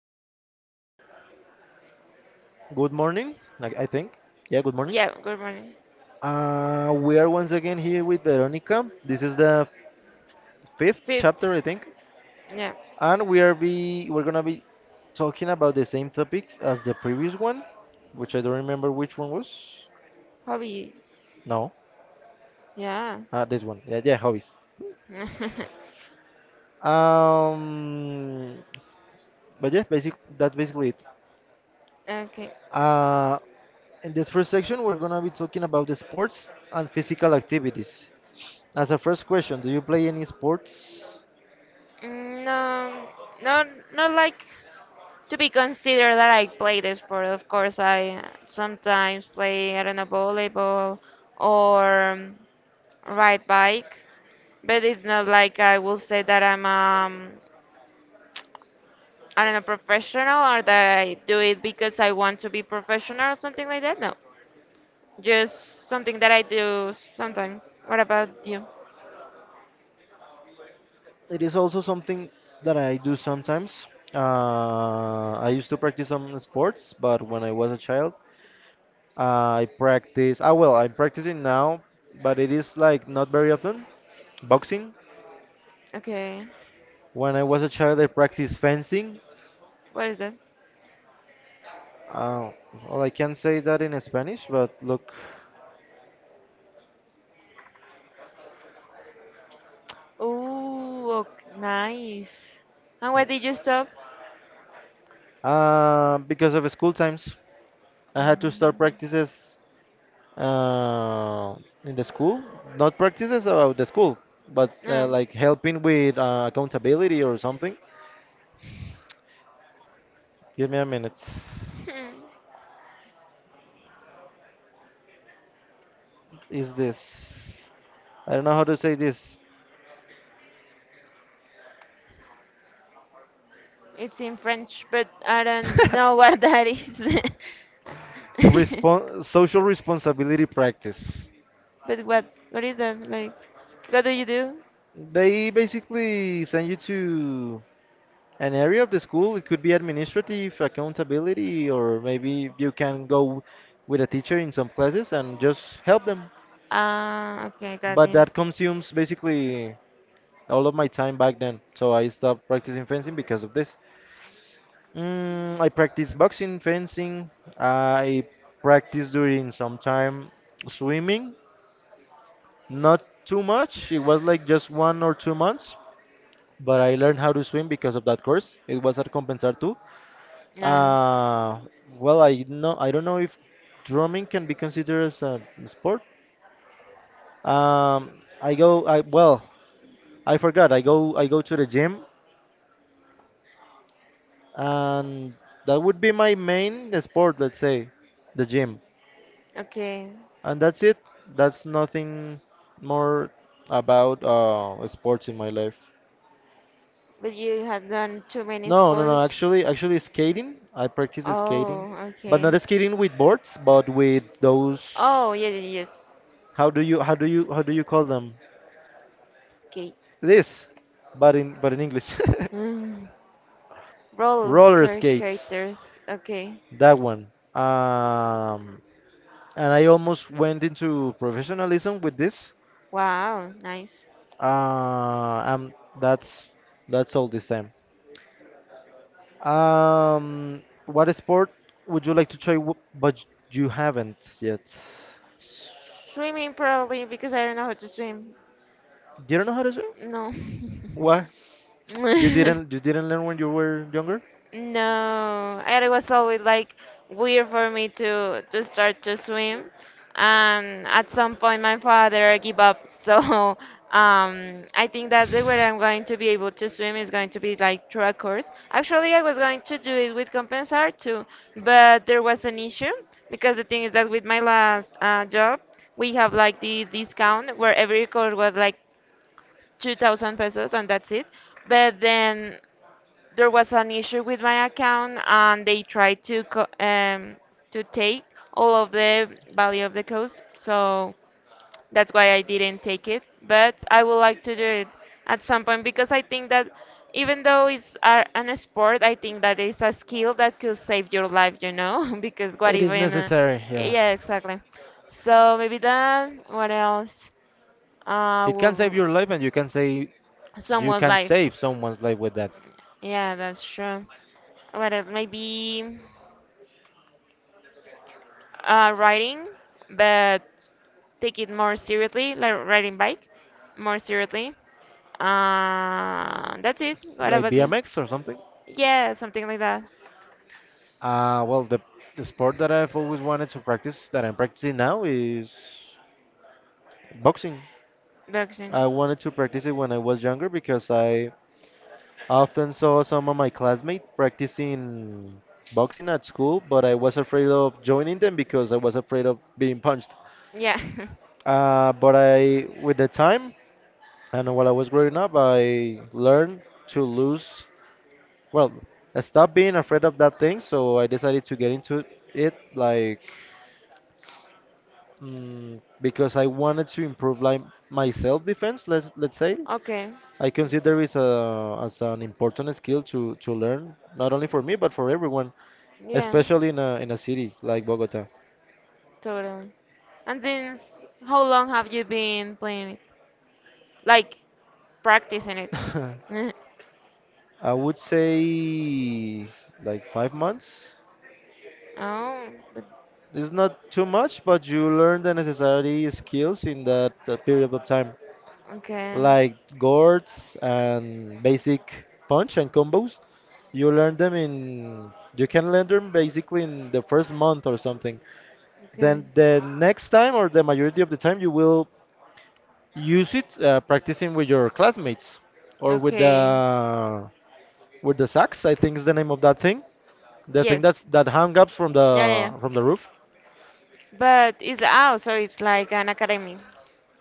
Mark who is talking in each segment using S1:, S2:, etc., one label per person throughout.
S1: Uh, Good morning. I think. Yeah. Good morning.
S2: Yeah, good morning.
S1: We are once again here with Veronica. This is the fifth
S2: Fifth.
S1: chapter, I think,
S2: Yeah.
S1: and we're gonna be talking about the same topic as the previous one, which I don't remember which one was.
S2: Hobbies.
S1: No.
S2: Yeah.
S1: This one. Yeah. Yeah. Hobbies. Um. But yeah, basic. That's basically it.
S2: Okay.
S1: Uh, In this first section, we're going to be talking about the sports and physical activities. As a first question, do you play any sports?
S2: Mm, no, not not like to be considered that I play the sport. Of course, I sometimes play, I don't know, volleyball or ride bike, but it's not like I will say that I'm I don't know professional or that I do it because I want to be professional or something like that. No, just something that I do sometimes. What about you?
S1: It is also something that I do sometimes. I used to practice some sports, but when I was a child, I practice. I'm practicing now, but it is like not very often. Boxing.
S2: Okay.
S1: When I was a child, I practiced fencing.
S2: What is that?
S1: Uh, well, I can't say that in Spanish, but look,
S2: Oh, nice. And why did you stop?
S1: because of school times. I had to start practices uh, in the school. Not practices about the school, but
S2: Um,
S1: like helping with accountability or something. Give me a minute.
S2: hmm.
S1: Is this? I don't know how to say this.
S2: It's in French, but I don't know what that is.
S1: Social responsibility practice.
S2: But what? What is that? Like, what do you do?
S1: They basically send you to an area of the school. It could be administrative accountability, or maybe you can go with a teacher in some classes and just help them.
S2: Ah, okay, got
S1: But
S2: it.
S1: that consumes basically all of my time back then, so I stopped practicing fencing because of this. I practice boxing, fencing. I practice during some time swimming, not too much. It was like just 1 or 2 months, but I learned how to swim because of that course. It was at Compensar too.
S2: Nice.
S1: Uh, I know I don't know if drumming can be considered as a sport. Um, I go. I well, I forgot. I go to the gym, and that would be my main sport. Let's say the gym,
S2: Okay.
S1: and that's it. That's nothing more about sports in my life.
S2: But you have done too many
S1: No, no, no.
S2: sports?
S1: Actually, actually, skating. I practice skating,
S2: Oh,
S1: but
S2: okay.
S1: not skating with boards, but with those.
S2: Oh, yeah, yeah, yes.
S1: How do you how do you how do you call them?
S2: Skate.
S1: It is, but in English,
S2: Mm, Roller
S1: roller
S2: skate
S1: skates.
S2: skaters. Okay.
S1: That one. Um, and I almost went into professionalism with this.
S2: Wow, nice.
S1: Uh, um, that's that's all this time. What sport would you like to try, but you haven't yet?
S2: Swimming probably because I don't know how to swim.
S1: Do you don't know how to swim?
S2: No.
S1: Why? You didn't you didn't learn when you were younger?
S2: No, and it was always like weird for me to start to swim, and at some point my father gave up. So I think that the way I'm going to be able to swim is going to be like through a course. Actually, I was going to do it with Compensar too, but there was an issue because the thing is that with my last job, we have like this discount where every course was like 2,000 pesos and that's it. But then there was an issue with my account, and they tried to take all of the value of the cost, so that's why I didn't take it, but I would like to do it at some point because I think that even though it's an sport, I think that it's a skill that could save your life, because what
S1: It is
S2: even
S1: necessary. Yeah.
S2: yeah, exactly. So maybe that, what else
S1: It can
S2: will
S1: save your life, and you
S2: someone's
S1: can
S2: life.
S1: save someone's life with that,
S2: Yeah, that's true. What else? Maybe riding, but take it more seriously, like riding bike, more seriously. That's it. What
S1: like
S2: about you?
S1: BMX or something.
S2: Yeah, something like that.
S1: Uh, well, the, the sport that I've always wanted to practice, that I'm practicing now, is boxing.
S2: Boxing.
S1: I wanted to practice it when I was younger because I often saw some of my classmates practicing boxing at school, but I was afraid of joining them because I was afraid of being punched.
S2: Yeah.
S1: With the time and while I was growing up, I learned to lose Well, I stopped being afraid of that thing, so I decided to get into it, like, because I wanted to improve, like, my self-defense. Let's say
S2: Okay.
S1: I consider it as an important skill to learn, not only for me but for everyone,
S2: Yeah,
S1: especially in a city like Bogota.
S2: totally. And since how long have you been playing it? Like practicing it?
S1: I would say like 5 months.
S2: Oh, but-
S1: It's not too much, but you learn the necessary skills in that period of time.
S2: okay.
S1: Like gourds and basic punch and combos. You can learn them basically in the first month or something.
S2: Okay.
S1: Then the next time or the majority of the time you will use it practicing with your classmates or
S2: Okay.
S1: with the sax. I think is the name of that thing. The thing
S2: Yes.
S1: that's that hung up from
S2: Yeah, yeah. Yeah.
S1: the roof.
S2: But so it's like an academy.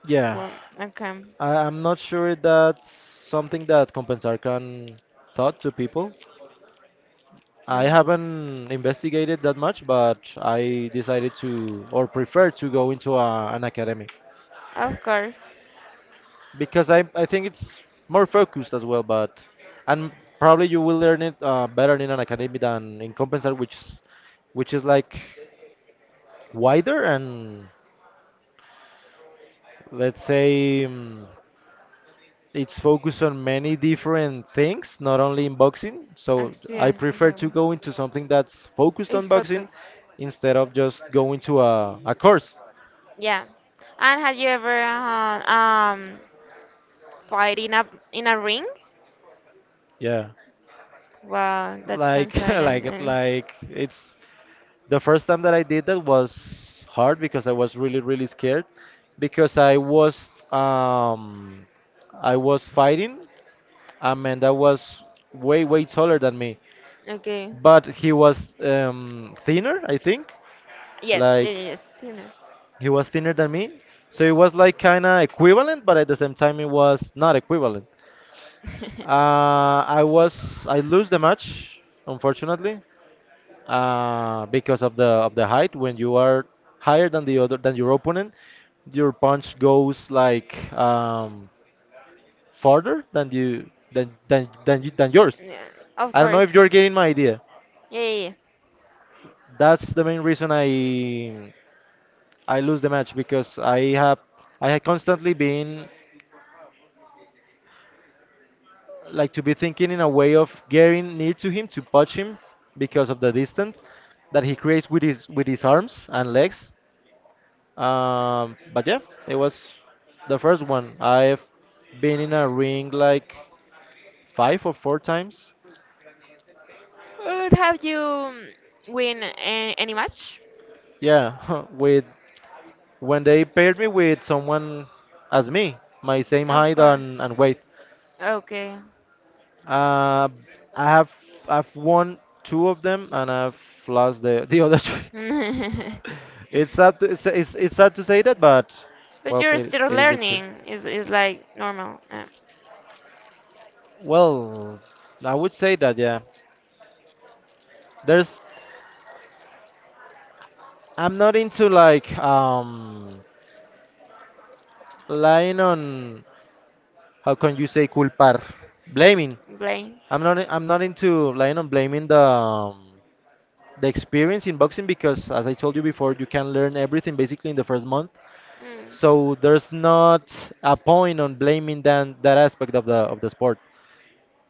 S1: Yeah,
S2: Well, okay.
S1: I'm not sure that's something that Compensar can taught to people. I
S2: No.
S1: haven't investigated that much, but I decided to or prefer to go into an academy
S2: Of course.
S1: because I think it's more focused as well. But and Probably you will learn it better in an academy than in Compensar, which is like wider and let's say it's focused on many different things, not only in boxing. So I
S2: Yeah,
S1: prefer to
S2: exactly.
S1: go into something that's focused
S2: It's
S1: on
S2: focus.
S1: boxing instead of just going to a course.
S2: Yeah. And have you ever fight in a ring?
S1: Yeah.
S2: Wow, that sounds so nice.
S1: Like
S2: Mm.
S1: like it's the first time that I did that was hard because I was really scared because I was fighting a man that was way taller than me
S2: Okay.
S1: but he was thinner I think,
S2: Yes. Yeah,
S1: like
S2: yeah, yes. You know.
S1: he was thinner than me, so it was like kind of equivalent but at the same time it was not equivalent. I lose the match unfortunately, because of the height. When you are higher than the other than your opponent, your punch goes like farther than yours.
S2: Yeah. Of
S1: I don't know
S2: course.
S1: if you're getting my idea.
S2: Yeah. Yeah, yeah.
S1: That's the main reason I lose the match because I have I had constantly been like to be thinking in a way of getting near to him to punch him because of the distance that he creates with his arms and legs. Um, but yeah, it was the first one. I've been in a ring like five or four times.
S2: Have you, win any match?
S1: Yeah, with when they paired me with someone as me, my same
S2: Of
S1: height
S2: course.
S1: and weight.
S2: Okay.
S1: Uh, I have I've won two of them and I've lost the the other three.
S2: But
S1: It's sad to say that, but well,
S2: you're still
S1: it is the truth.
S2: learning. Is like normal.
S1: Well, I would say that yeah. There's I'm not into like lying on how can you say culpar blaming.
S2: Blame.
S1: I'm not into lying on blaming the experience in boxing because as I told you before you can learn everything basically in the first month,
S2: Mm.
S1: so there's not a point on blaming than that aspect of the sport.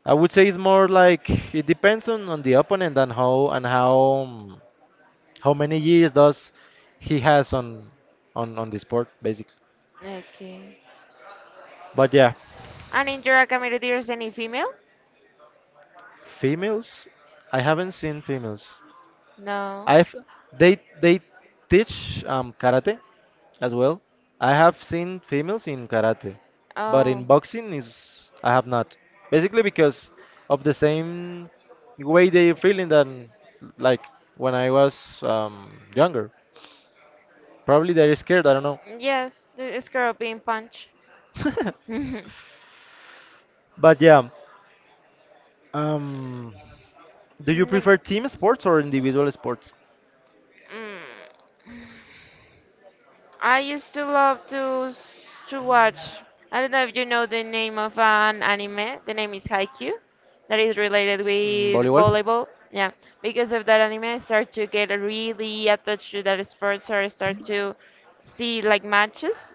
S1: I would say it's more like it depends on the opponent and how um, how many years does he has on the sport basically,
S2: Okay.
S1: but yeah.
S2: And in your academy, there's any female?
S1: Females? I haven't seen females.
S2: No.
S1: I've they teach karate as well. I have seen females in karate, but in
S2: Oh,
S1: boxing is I have not. Basically because of the same way they're feeling than like when I was younger. Probably they're scared, I don't know.
S2: yes, the scorpion punch. Neg-
S1: But yeah, um, do you prefer team sports or individual sports?
S2: mm. I used to love to watch. I don't know if you know the name of an anime. The name is Haikyuu, that is related
S1: Mm,
S2: with
S1: volleyball?
S2: volleyball. Yeah, because of that anime, I start to get really attached to that sport, so I start to see like matches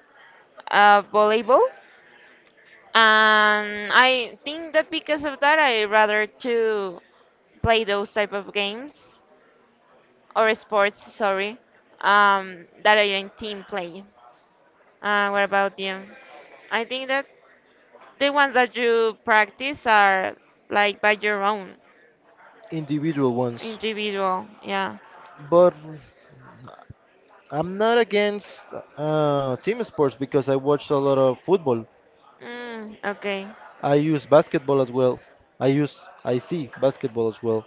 S2: of volleyball. And I think that because of that, I rather to play those type of games or sports, sorry, that are in team play. What about you? I think that the ones that you practice are like by your own
S1: Individual ones.
S2: individual. Yeah.
S1: But I'm not against team sports because I watched a lot of football.
S2: Mm, okay.
S1: I use basketball as well. I see basketball as well.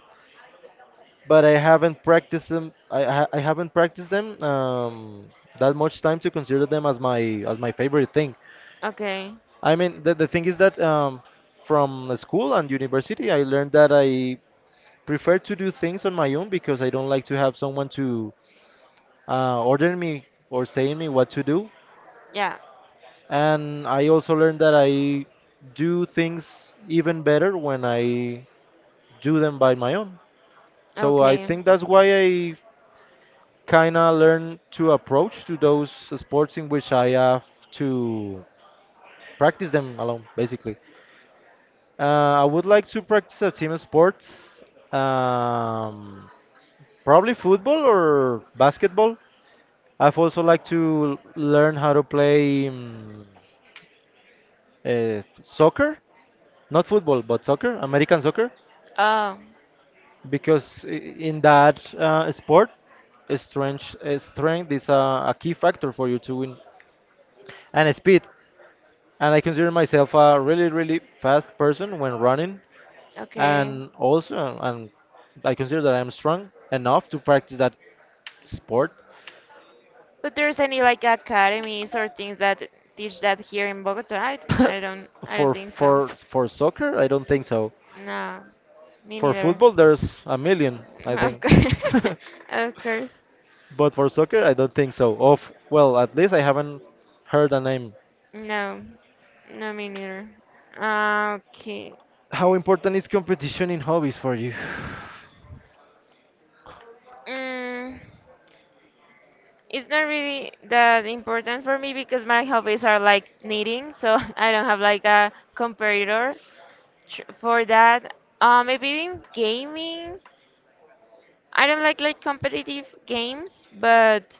S1: But I haven't practiced them. I haven't practiced them that much time to consider them as my favorite thing.
S2: Okay.
S1: I mean, the thing is that from the school and university, I learned that I prefer to do things on my own because I don't like to have someone to order me or saying me what to do.
S2: Yeah.
S1: And I also learned that I do things even better when I do them by my own. So I
S2: Okay.
S1: think that's why I kind of learn to approach to those sports in which I have to practice them alone, basically. I would like to practice a team sports, um, probably football or basketball. I've also like to learn how to play soccer, not football, but soccer, American soccer,
S2: Oh.
S1: because in that sport, strength is a key factor for you to win, and speed. And I consider myself a really fast person when running,
S2: Okay.
S1: and also, and I consider that I'm strong enough to practice that sport.
S2: But there's any like academies or things that teach that here in Bogota? I don't
S1: for
S2: think so.
S1: for for soccer, I don't think so.
S2: No, me
S1: For
S2: neither.
S1: football, there's a million, I
S2: Of
S1: think,
S2: course, of course.
S1: but for soccer, I don't think so. Of well, at least I haven't heard a name.
S2: No, no, me neither. Ah, okay.
S1: How important is competition in hobbies for you?
S2: Mm, it's not really that important for me because my hobbies are like knitting, so I don't have like a competitor for that. Maybe in gaming. I don't like competitive games, but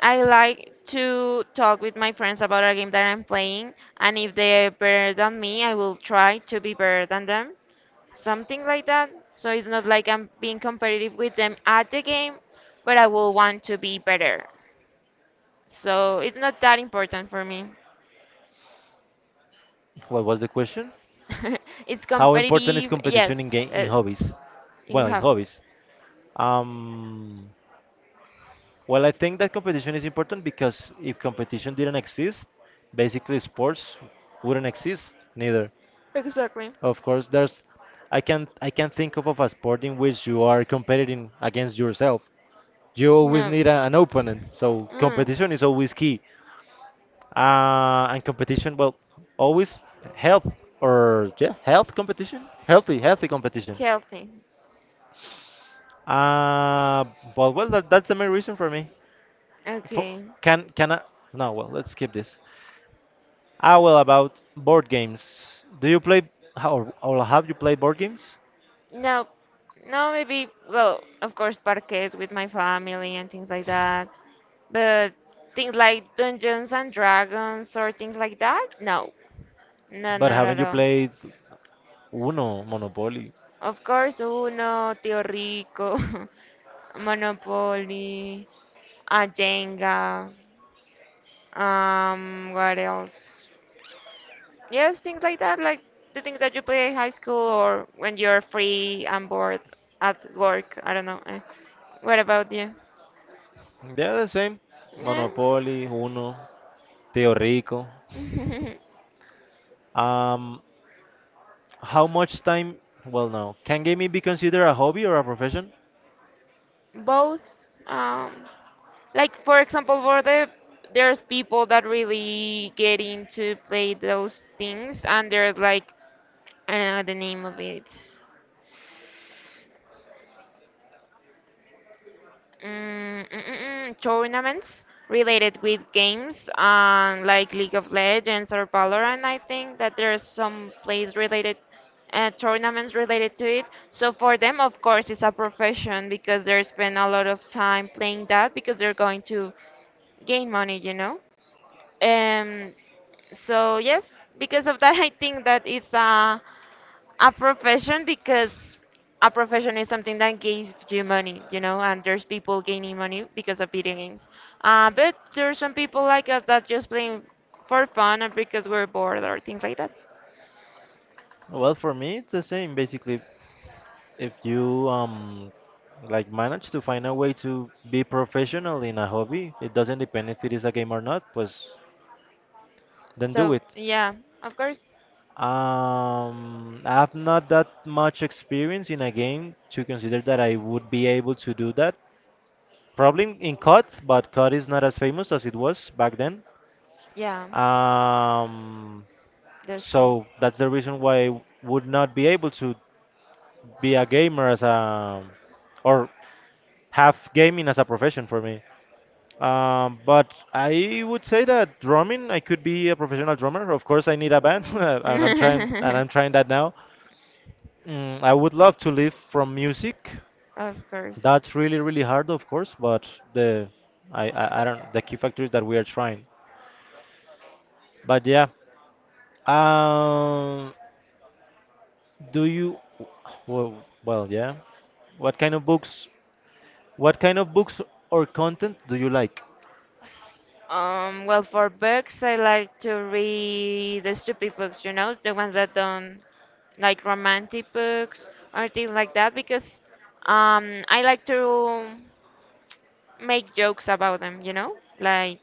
S2: I like to talk with my friends about a game that I'm playing, and if they're better than me, I will try to be better than them. Something like that. So it's not like I'm being competitive with them at the game, but I will want to be better. So it's not that important for me.
S1: What was the question?
S2: It's
S1: How important is
S2: competitive, yes,
S1: competition in game in
S2: uh,
S1: hobbies?
S2: in
S1: Well, in
S2: hub.
S1: hobbies. Um, well, I think that competition is important because if competition didn't exist, basically sports wouldn't exist neither.
S2: Exactly.
S1: Of course, there's I can't think of a sport in which you are competing against yourself. You always
S2: No.
S1: need an opponent, so
S2: Mm,
S1: competition is always key. And Competition, well, always health health competition, healthy competition.
S2: healthy.
S1: Uh, that's the main reason for me. For,
S2: Okay.
S1: can I? No, well, let's skip this. Ah, well, about board games. Do you play or have you played board games?
S2: No, no, maybe, well, of course, parquet with my family and things like that. But things like Dungeons and Dragons or things like that? No, no,
S1: But
S2: not
S1: haven't
S2: at
S1: you
S2: all.
S1: played Uno, Monopoly?
S2: Of course, Uno, Tio Rico, Monopoly, Jenga, what else? Yes, things like that, like the things that you play in high school or when you're free and bored at work. I don't know. Eh. What about you?
S1: They're the same.
S2: Eh.
S1: Monopoly, Uno, Teo Rico. Um, how much time? Well, no. Can gaming be considered a hobby or a profession?
S2: Both, um like, for example, for the there's people that really get into play those things, and there's like, I don't know the name of it. Tournaments related with games, like League of Legends or Valorant. I think that there's some plays related, tournaments related to it. So for them, of course, it's a profession because they spend a lot of time playing that because they're going to gain money. Um, so yes, because of that, I think that it's a profession, because a profession is something that gives you money, and there's people gaining money because of video games. But there are some people like us that just playing for fun or because we're bored or things like that.
S1: Well, for me, it's the same. Basically, if you like manage to find a way to be professional in a hobby, it doesn't depend if it is a game or not. Pues then do
S2: So
S1: it.
S2: yeah, of course,
S1: I have not that much experience in a game to consider that I would be able to do that. Probably in COD, but COD is not as famous as it was back then.
S2: yeah,
S1: Um,
S2: that's true.
S1: so that's the reason why I would not be able to be a gamer as a or have gaming as a profession for me. But I would say that drumming, I could be a professional drummer. Of course, I need a band, and I'm trying that now. Mm, I would love to live from music.
S2: Of course.
S1: That's really, really hard, of course, but the I don't the key factor is that we are trying. But yeah, um, do you? Well, yeah. What kind of books? What kind of books or content do you like?
S2: Well, for books, I like to read the stupid books, the ones that don't, like, romantic books or things like that, because I like to make jokes about them, like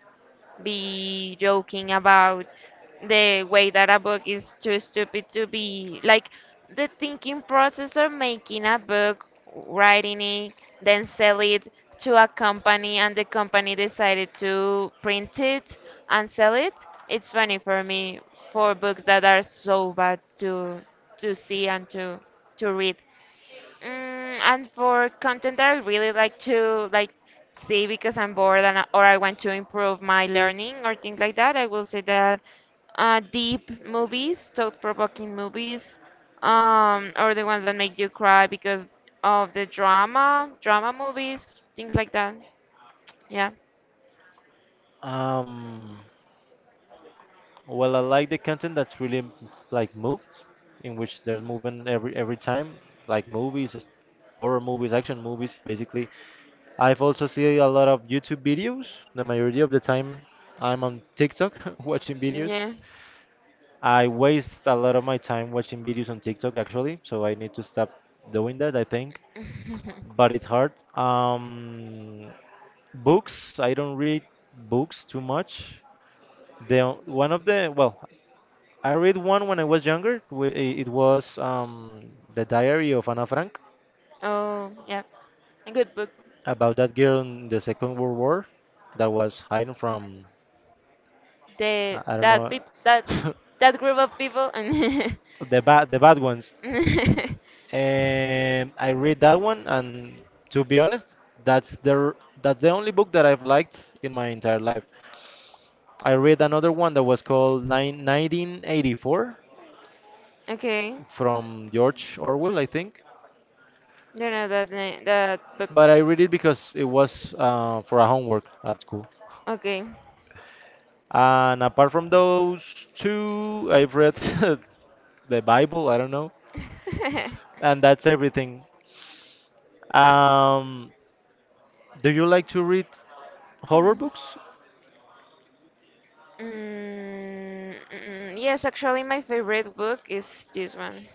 S2: be joking about the way that a book is too stupid to be like the thinking process of making a book, writing it, then sell it to a company, and the company decided to print it and sell it. It's funny for me, for books that are so bad to see and to read. And for content that I really like to like see because I'm bored and or I want to improve my learning or things like that, I will say that deep movies, thought-provoking movies, or the ones that make you cry because of the drama movies, things like that. Yeah,
S1: Um, well, I like the content that's really like moved, in which there's movement every time, like movies, horror movies, action movies, basically. I've also seen a lot of YouTube videos. The majority of the time, I'm on TikTok watching videos.
S2: yeah.
S1: I waste a lot of my time watching videos on TikTok actually, so I need to stop doing that, I think. But it's hard. Books, I don't read books too much. The one of the well, I read one when I was younger. It was The Diary of Anna Frank
S2: Oh, yeah. A good book.
S1: about that girl in the Second World War that was hiding from
S2: The
S1: I don't
S2: that
S1: know
S2: peop that That group of people.
S1: the bad ones. I read that one, and to be honest, that's that's the only book that I've liked in my entire life. I read another one that was called 1984
S2: Okay.
S1: from George Orwell, I think.
S2: Don't know that name, that book.
S1: But I read it because it was for a homework at school.
S2: Okay.
S1: And apart from those two, I've read the Bible, I don't know, and that's everything. Um, do you like to read horror books?
S2: Yes, actually, my favorite book is this one.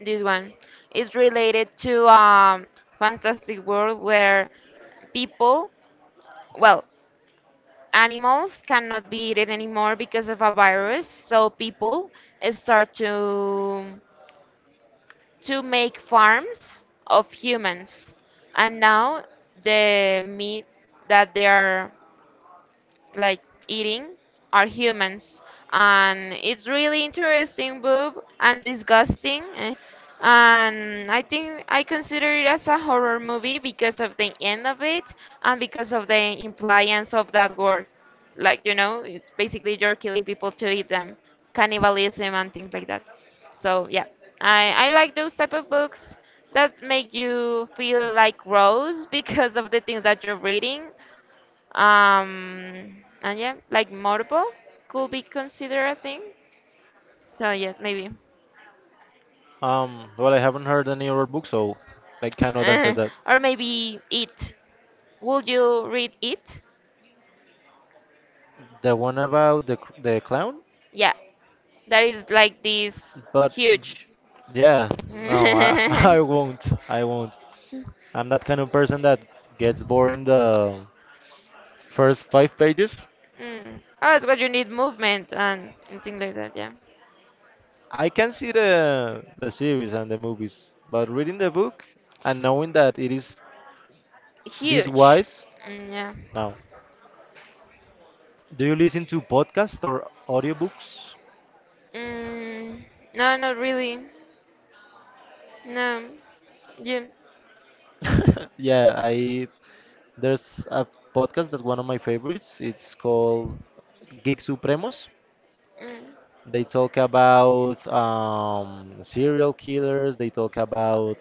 S2: This one. It's related to fantastic world where people, well, animals cannot be eaten anymore because of a virus. So people start to make farms of humans, and now the meat that they are, like, eating are humans, and it's really interesting boob and disgusting, eh, and I think I consider it as a horror movie because of the end of it, and because of the impliance of that word, like, it's basically you're killing people to eat them, cannibalism and things like that. So yeah, I like those type of books that make you feel like gross because of the things that you're reading, and yeah, like morbo could be considered a thing. So yeah, maybe.
S1: Well, I haven't heard any other book, so I cannot answer
S2: Uh,
S1: that.
S2: or maybe it. Would you read it?
S1: The one about the clown,
S2: Yeah, that is like this
S1: but
S2: huge.
S1: yeah, no, I
S2: Mm.
S1: I won't. I won't. I'm that kind of person that gets bored in the first five pages.
S2: Oh, it's what you need movement and things like that. Yeah,
S1: I can see the series and the movies, but reading the book and knowing that it is this
S2: huge.
S1: wise,
S2: Mm, yeah.
S1: no. Do you listen to podcasts or audiobooks?
S2: Mm. No, not really. No. Yeah.
S1: Yeah, I There's a podcast that's one of my favorites. It's called Geek Supremos.
S2: Mm.
S1: They talk about serial killers. They talk about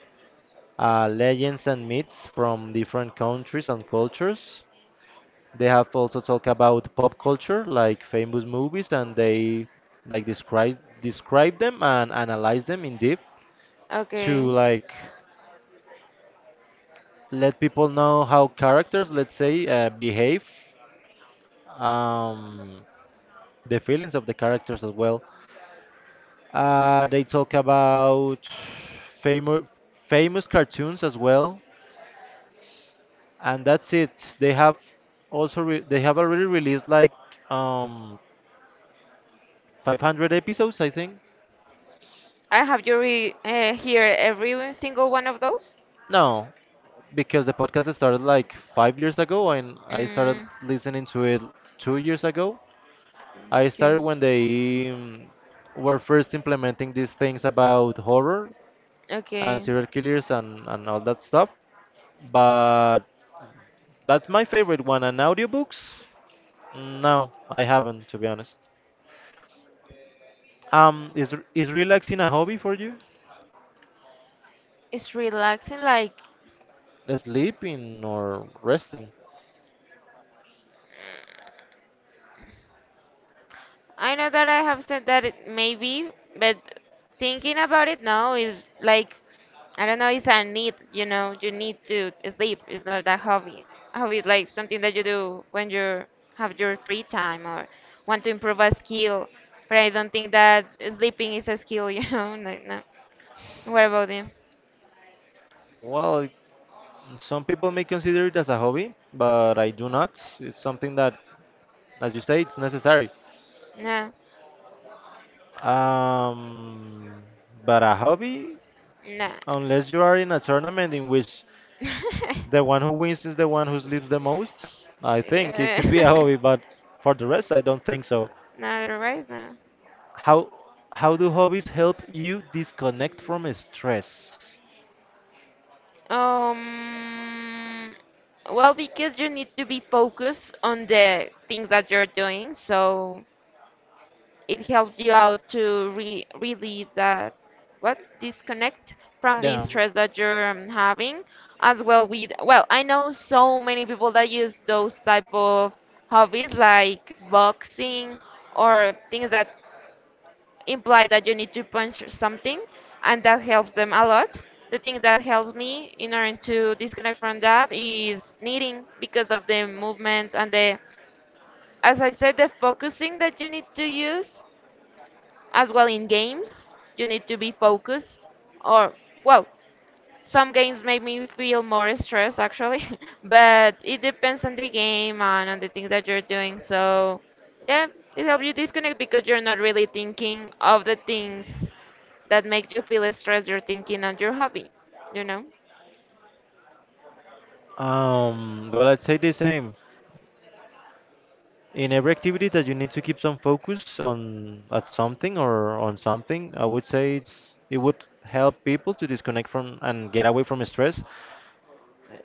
S1: legends and myths from different countries and cultures. They have also talk about pop culture, like famous movies, and they like describe them and analyze them in deep to
S2: Okay.
S1: like let people know how characters, let's say, behave. Um, the feelings of the characters as well. They talk about famous famous cartoons as well, and that's it. They have also re they have already released like um 500 episodes, I think.
S2: I Have you re hear every single one of those?
S1: No, because the podcast started like 5 years ago, and I started
S2: Mm,
S1: listening to it 2 years ago. I
S2: okay.
S1: started when they were first implementing these things about horror and
S2: Okay.
S1: serial killers and all that stuff. But that's my favorite one. And audiobooks? No, I haven't, to be honest. Is relaxing a hobby for you?
S2: It's relaxing. Like,
S1: Sleeping or resting?
S2: I know that I have said that it maybe, but thinking about it now is like, I don't know, it's a need, you need to sleep. It's not that hobby. Hobby is like something that you do when you have your free time or want to improve a skill. But I don't think that sleeping is a skill, you know? Like, no. What about you?
S1: Well, some people may consider it as a hobby, but I do not. It's something that, as you say, it's necessary.
S2: No.
S1: Um, but a hobby,
S2: No.
S1: unless you are in a tournament in which the one who wins is the one who sleeps the most, I think it
S2: Uh,
S1: could be a hobby. But for the rest, I don't think so.
S2: no, otherwise, no.
S1: How how do hobbies help you disconnect from stress?
S2: Um, well, because you need to be focused on the things that you're doing, so it helps you out to re release that, what? Disconnect from the
S1: Yeah.
S2: stress that you're, having, as well with, well, I know so many people that use those type of hobbies like boxing or things that imply that you need to punch something, and that helps them a lot. The thing that helps me in order to disconnect from that is knitting because of the movements and the, as I said, the focusing that you need to use, as well, in games you need to be focused, or well, some games make me feel more stressed actually, but it depends on the game and on the things that you're doing. So, yeah, it helps you disconnect because you're not really thinking of the things that make you feel stressed. You're thinking on your hobby, you know?
S1: Well, I'd say the same. In every activity that you need to keep some focus on at something or on something, I would say it would help people to disconnect from and get away from stress.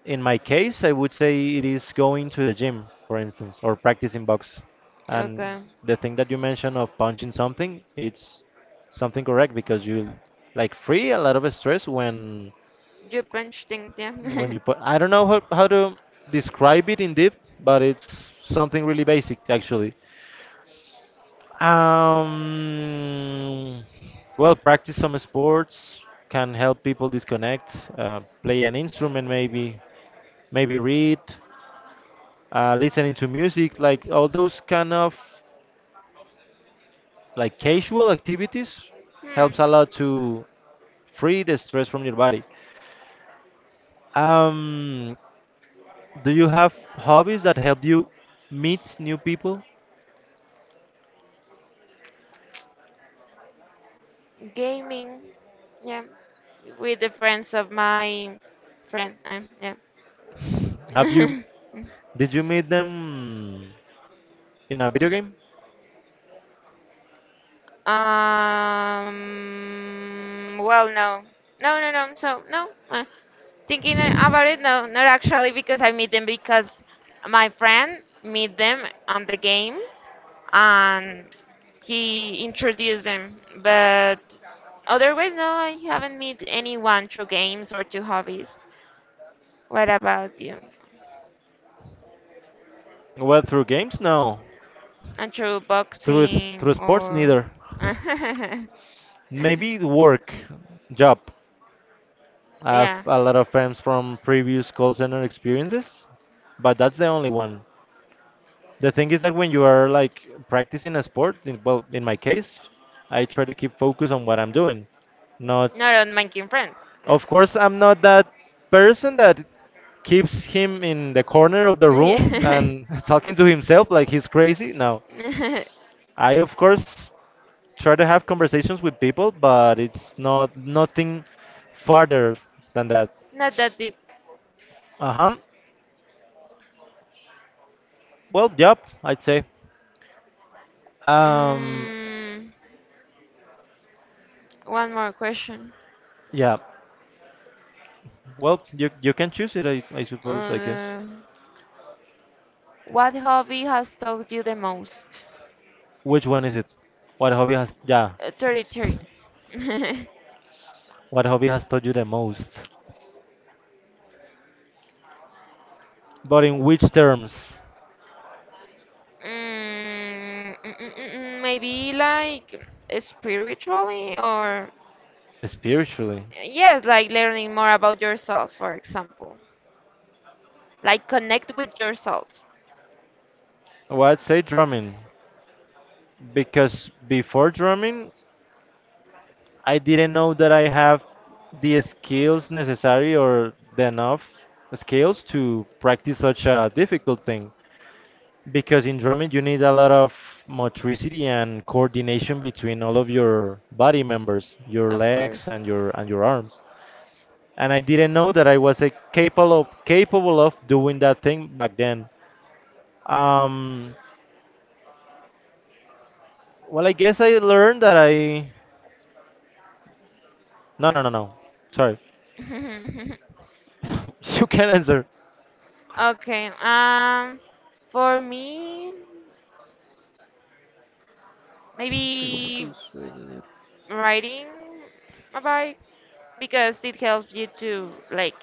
S1: In my case, I would say it is going to the gym, for instance, or practicing box. And
S2: Okay.
S1: the thing that you mentioned of punching something, it's something correct because you like free a lot of stress
S2: You punch things,
S1: when
S2: yeah.
S1: you put. I don't know how to describe it in deep, but it's something really basic actually. Um, well, practice some sports can help people disconnect. Play an instrument, maybe, maybe read. Listening to music, like all those kind of like casual activities helps
S2: Hmm.
S1: a lot to free the stress from your body. Um, do you have hobbies that help you meet new people?
S2: Gaming, yeah. With the friends of my friend,
S1: Have you
S2: yeah.
S1: did you meet them in a video game?
S2: Um, well, no, no, no, no. So no, thinking about it, no, not actually because I meet them because my friend meet them on the game, and he introduced them. But otherwise, no, I haven't met anyone through games or through hobbies. What about you?
S1: Well, through games, no.
S2: And through
S1: Through
S2: boxing
S1: through sports,
S2: or
S1: neither. Maybe the work, job. I have
S2: yeah,
S1: a lot of friends from previous call center experiences, but that's the only one. The thing is that when you are like practicing a sport, in, well, in my case, I try to keep focus on what I'm doing. Not,
S2: not on making friends. Yeah.
S1: of course, I'm not that person that keeps him in the corner of the room
S2: Yeah.
S1: and talking to himself like he's crazy. No, I of course try to have conversations with people, but it's not nothing farther than that.
S2: Not that deep.
S1: Uh huh. Well, yep, I'd say. Um,
S2: Mm, one more question.
S1: yeah. Well, you can choose it, I suppose. I guess.
S2: Uh, what hobby has taught you the most?
S1: Which one is it? What hobby has yeah,
S2: 33. mm,
S1: what hobby has taught you the most? But in which terms?
S2: Maybe like spiritually, or
S1: Spiritually.
S2: yes, like learning more about yourself, for example. Like connect with yourself,
S1: Well, I'd say drumming because before drumming, I didn't know that I have the skills necessary or the enough skills to practice such a difficult thing. Because in drumming, you need a lot of motricity and coordination between all of your body members, your
S2: of course.
S1: legs and your arms. And I didn't know that I was capable of doing that thing back then. Um, well, I guess I learned that I no. Sorry, you can answer.
S2: Okay. For me, maybe riding a bike because it helps you to, like,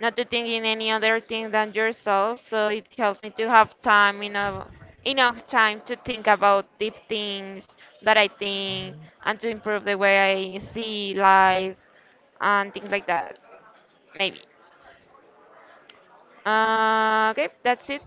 S2: not to think in any other thing than yourself. So it helps me to have time, enough time to think about deep things that I think, and to improve the way I see life and things like that. Maybe. Okay, that's it.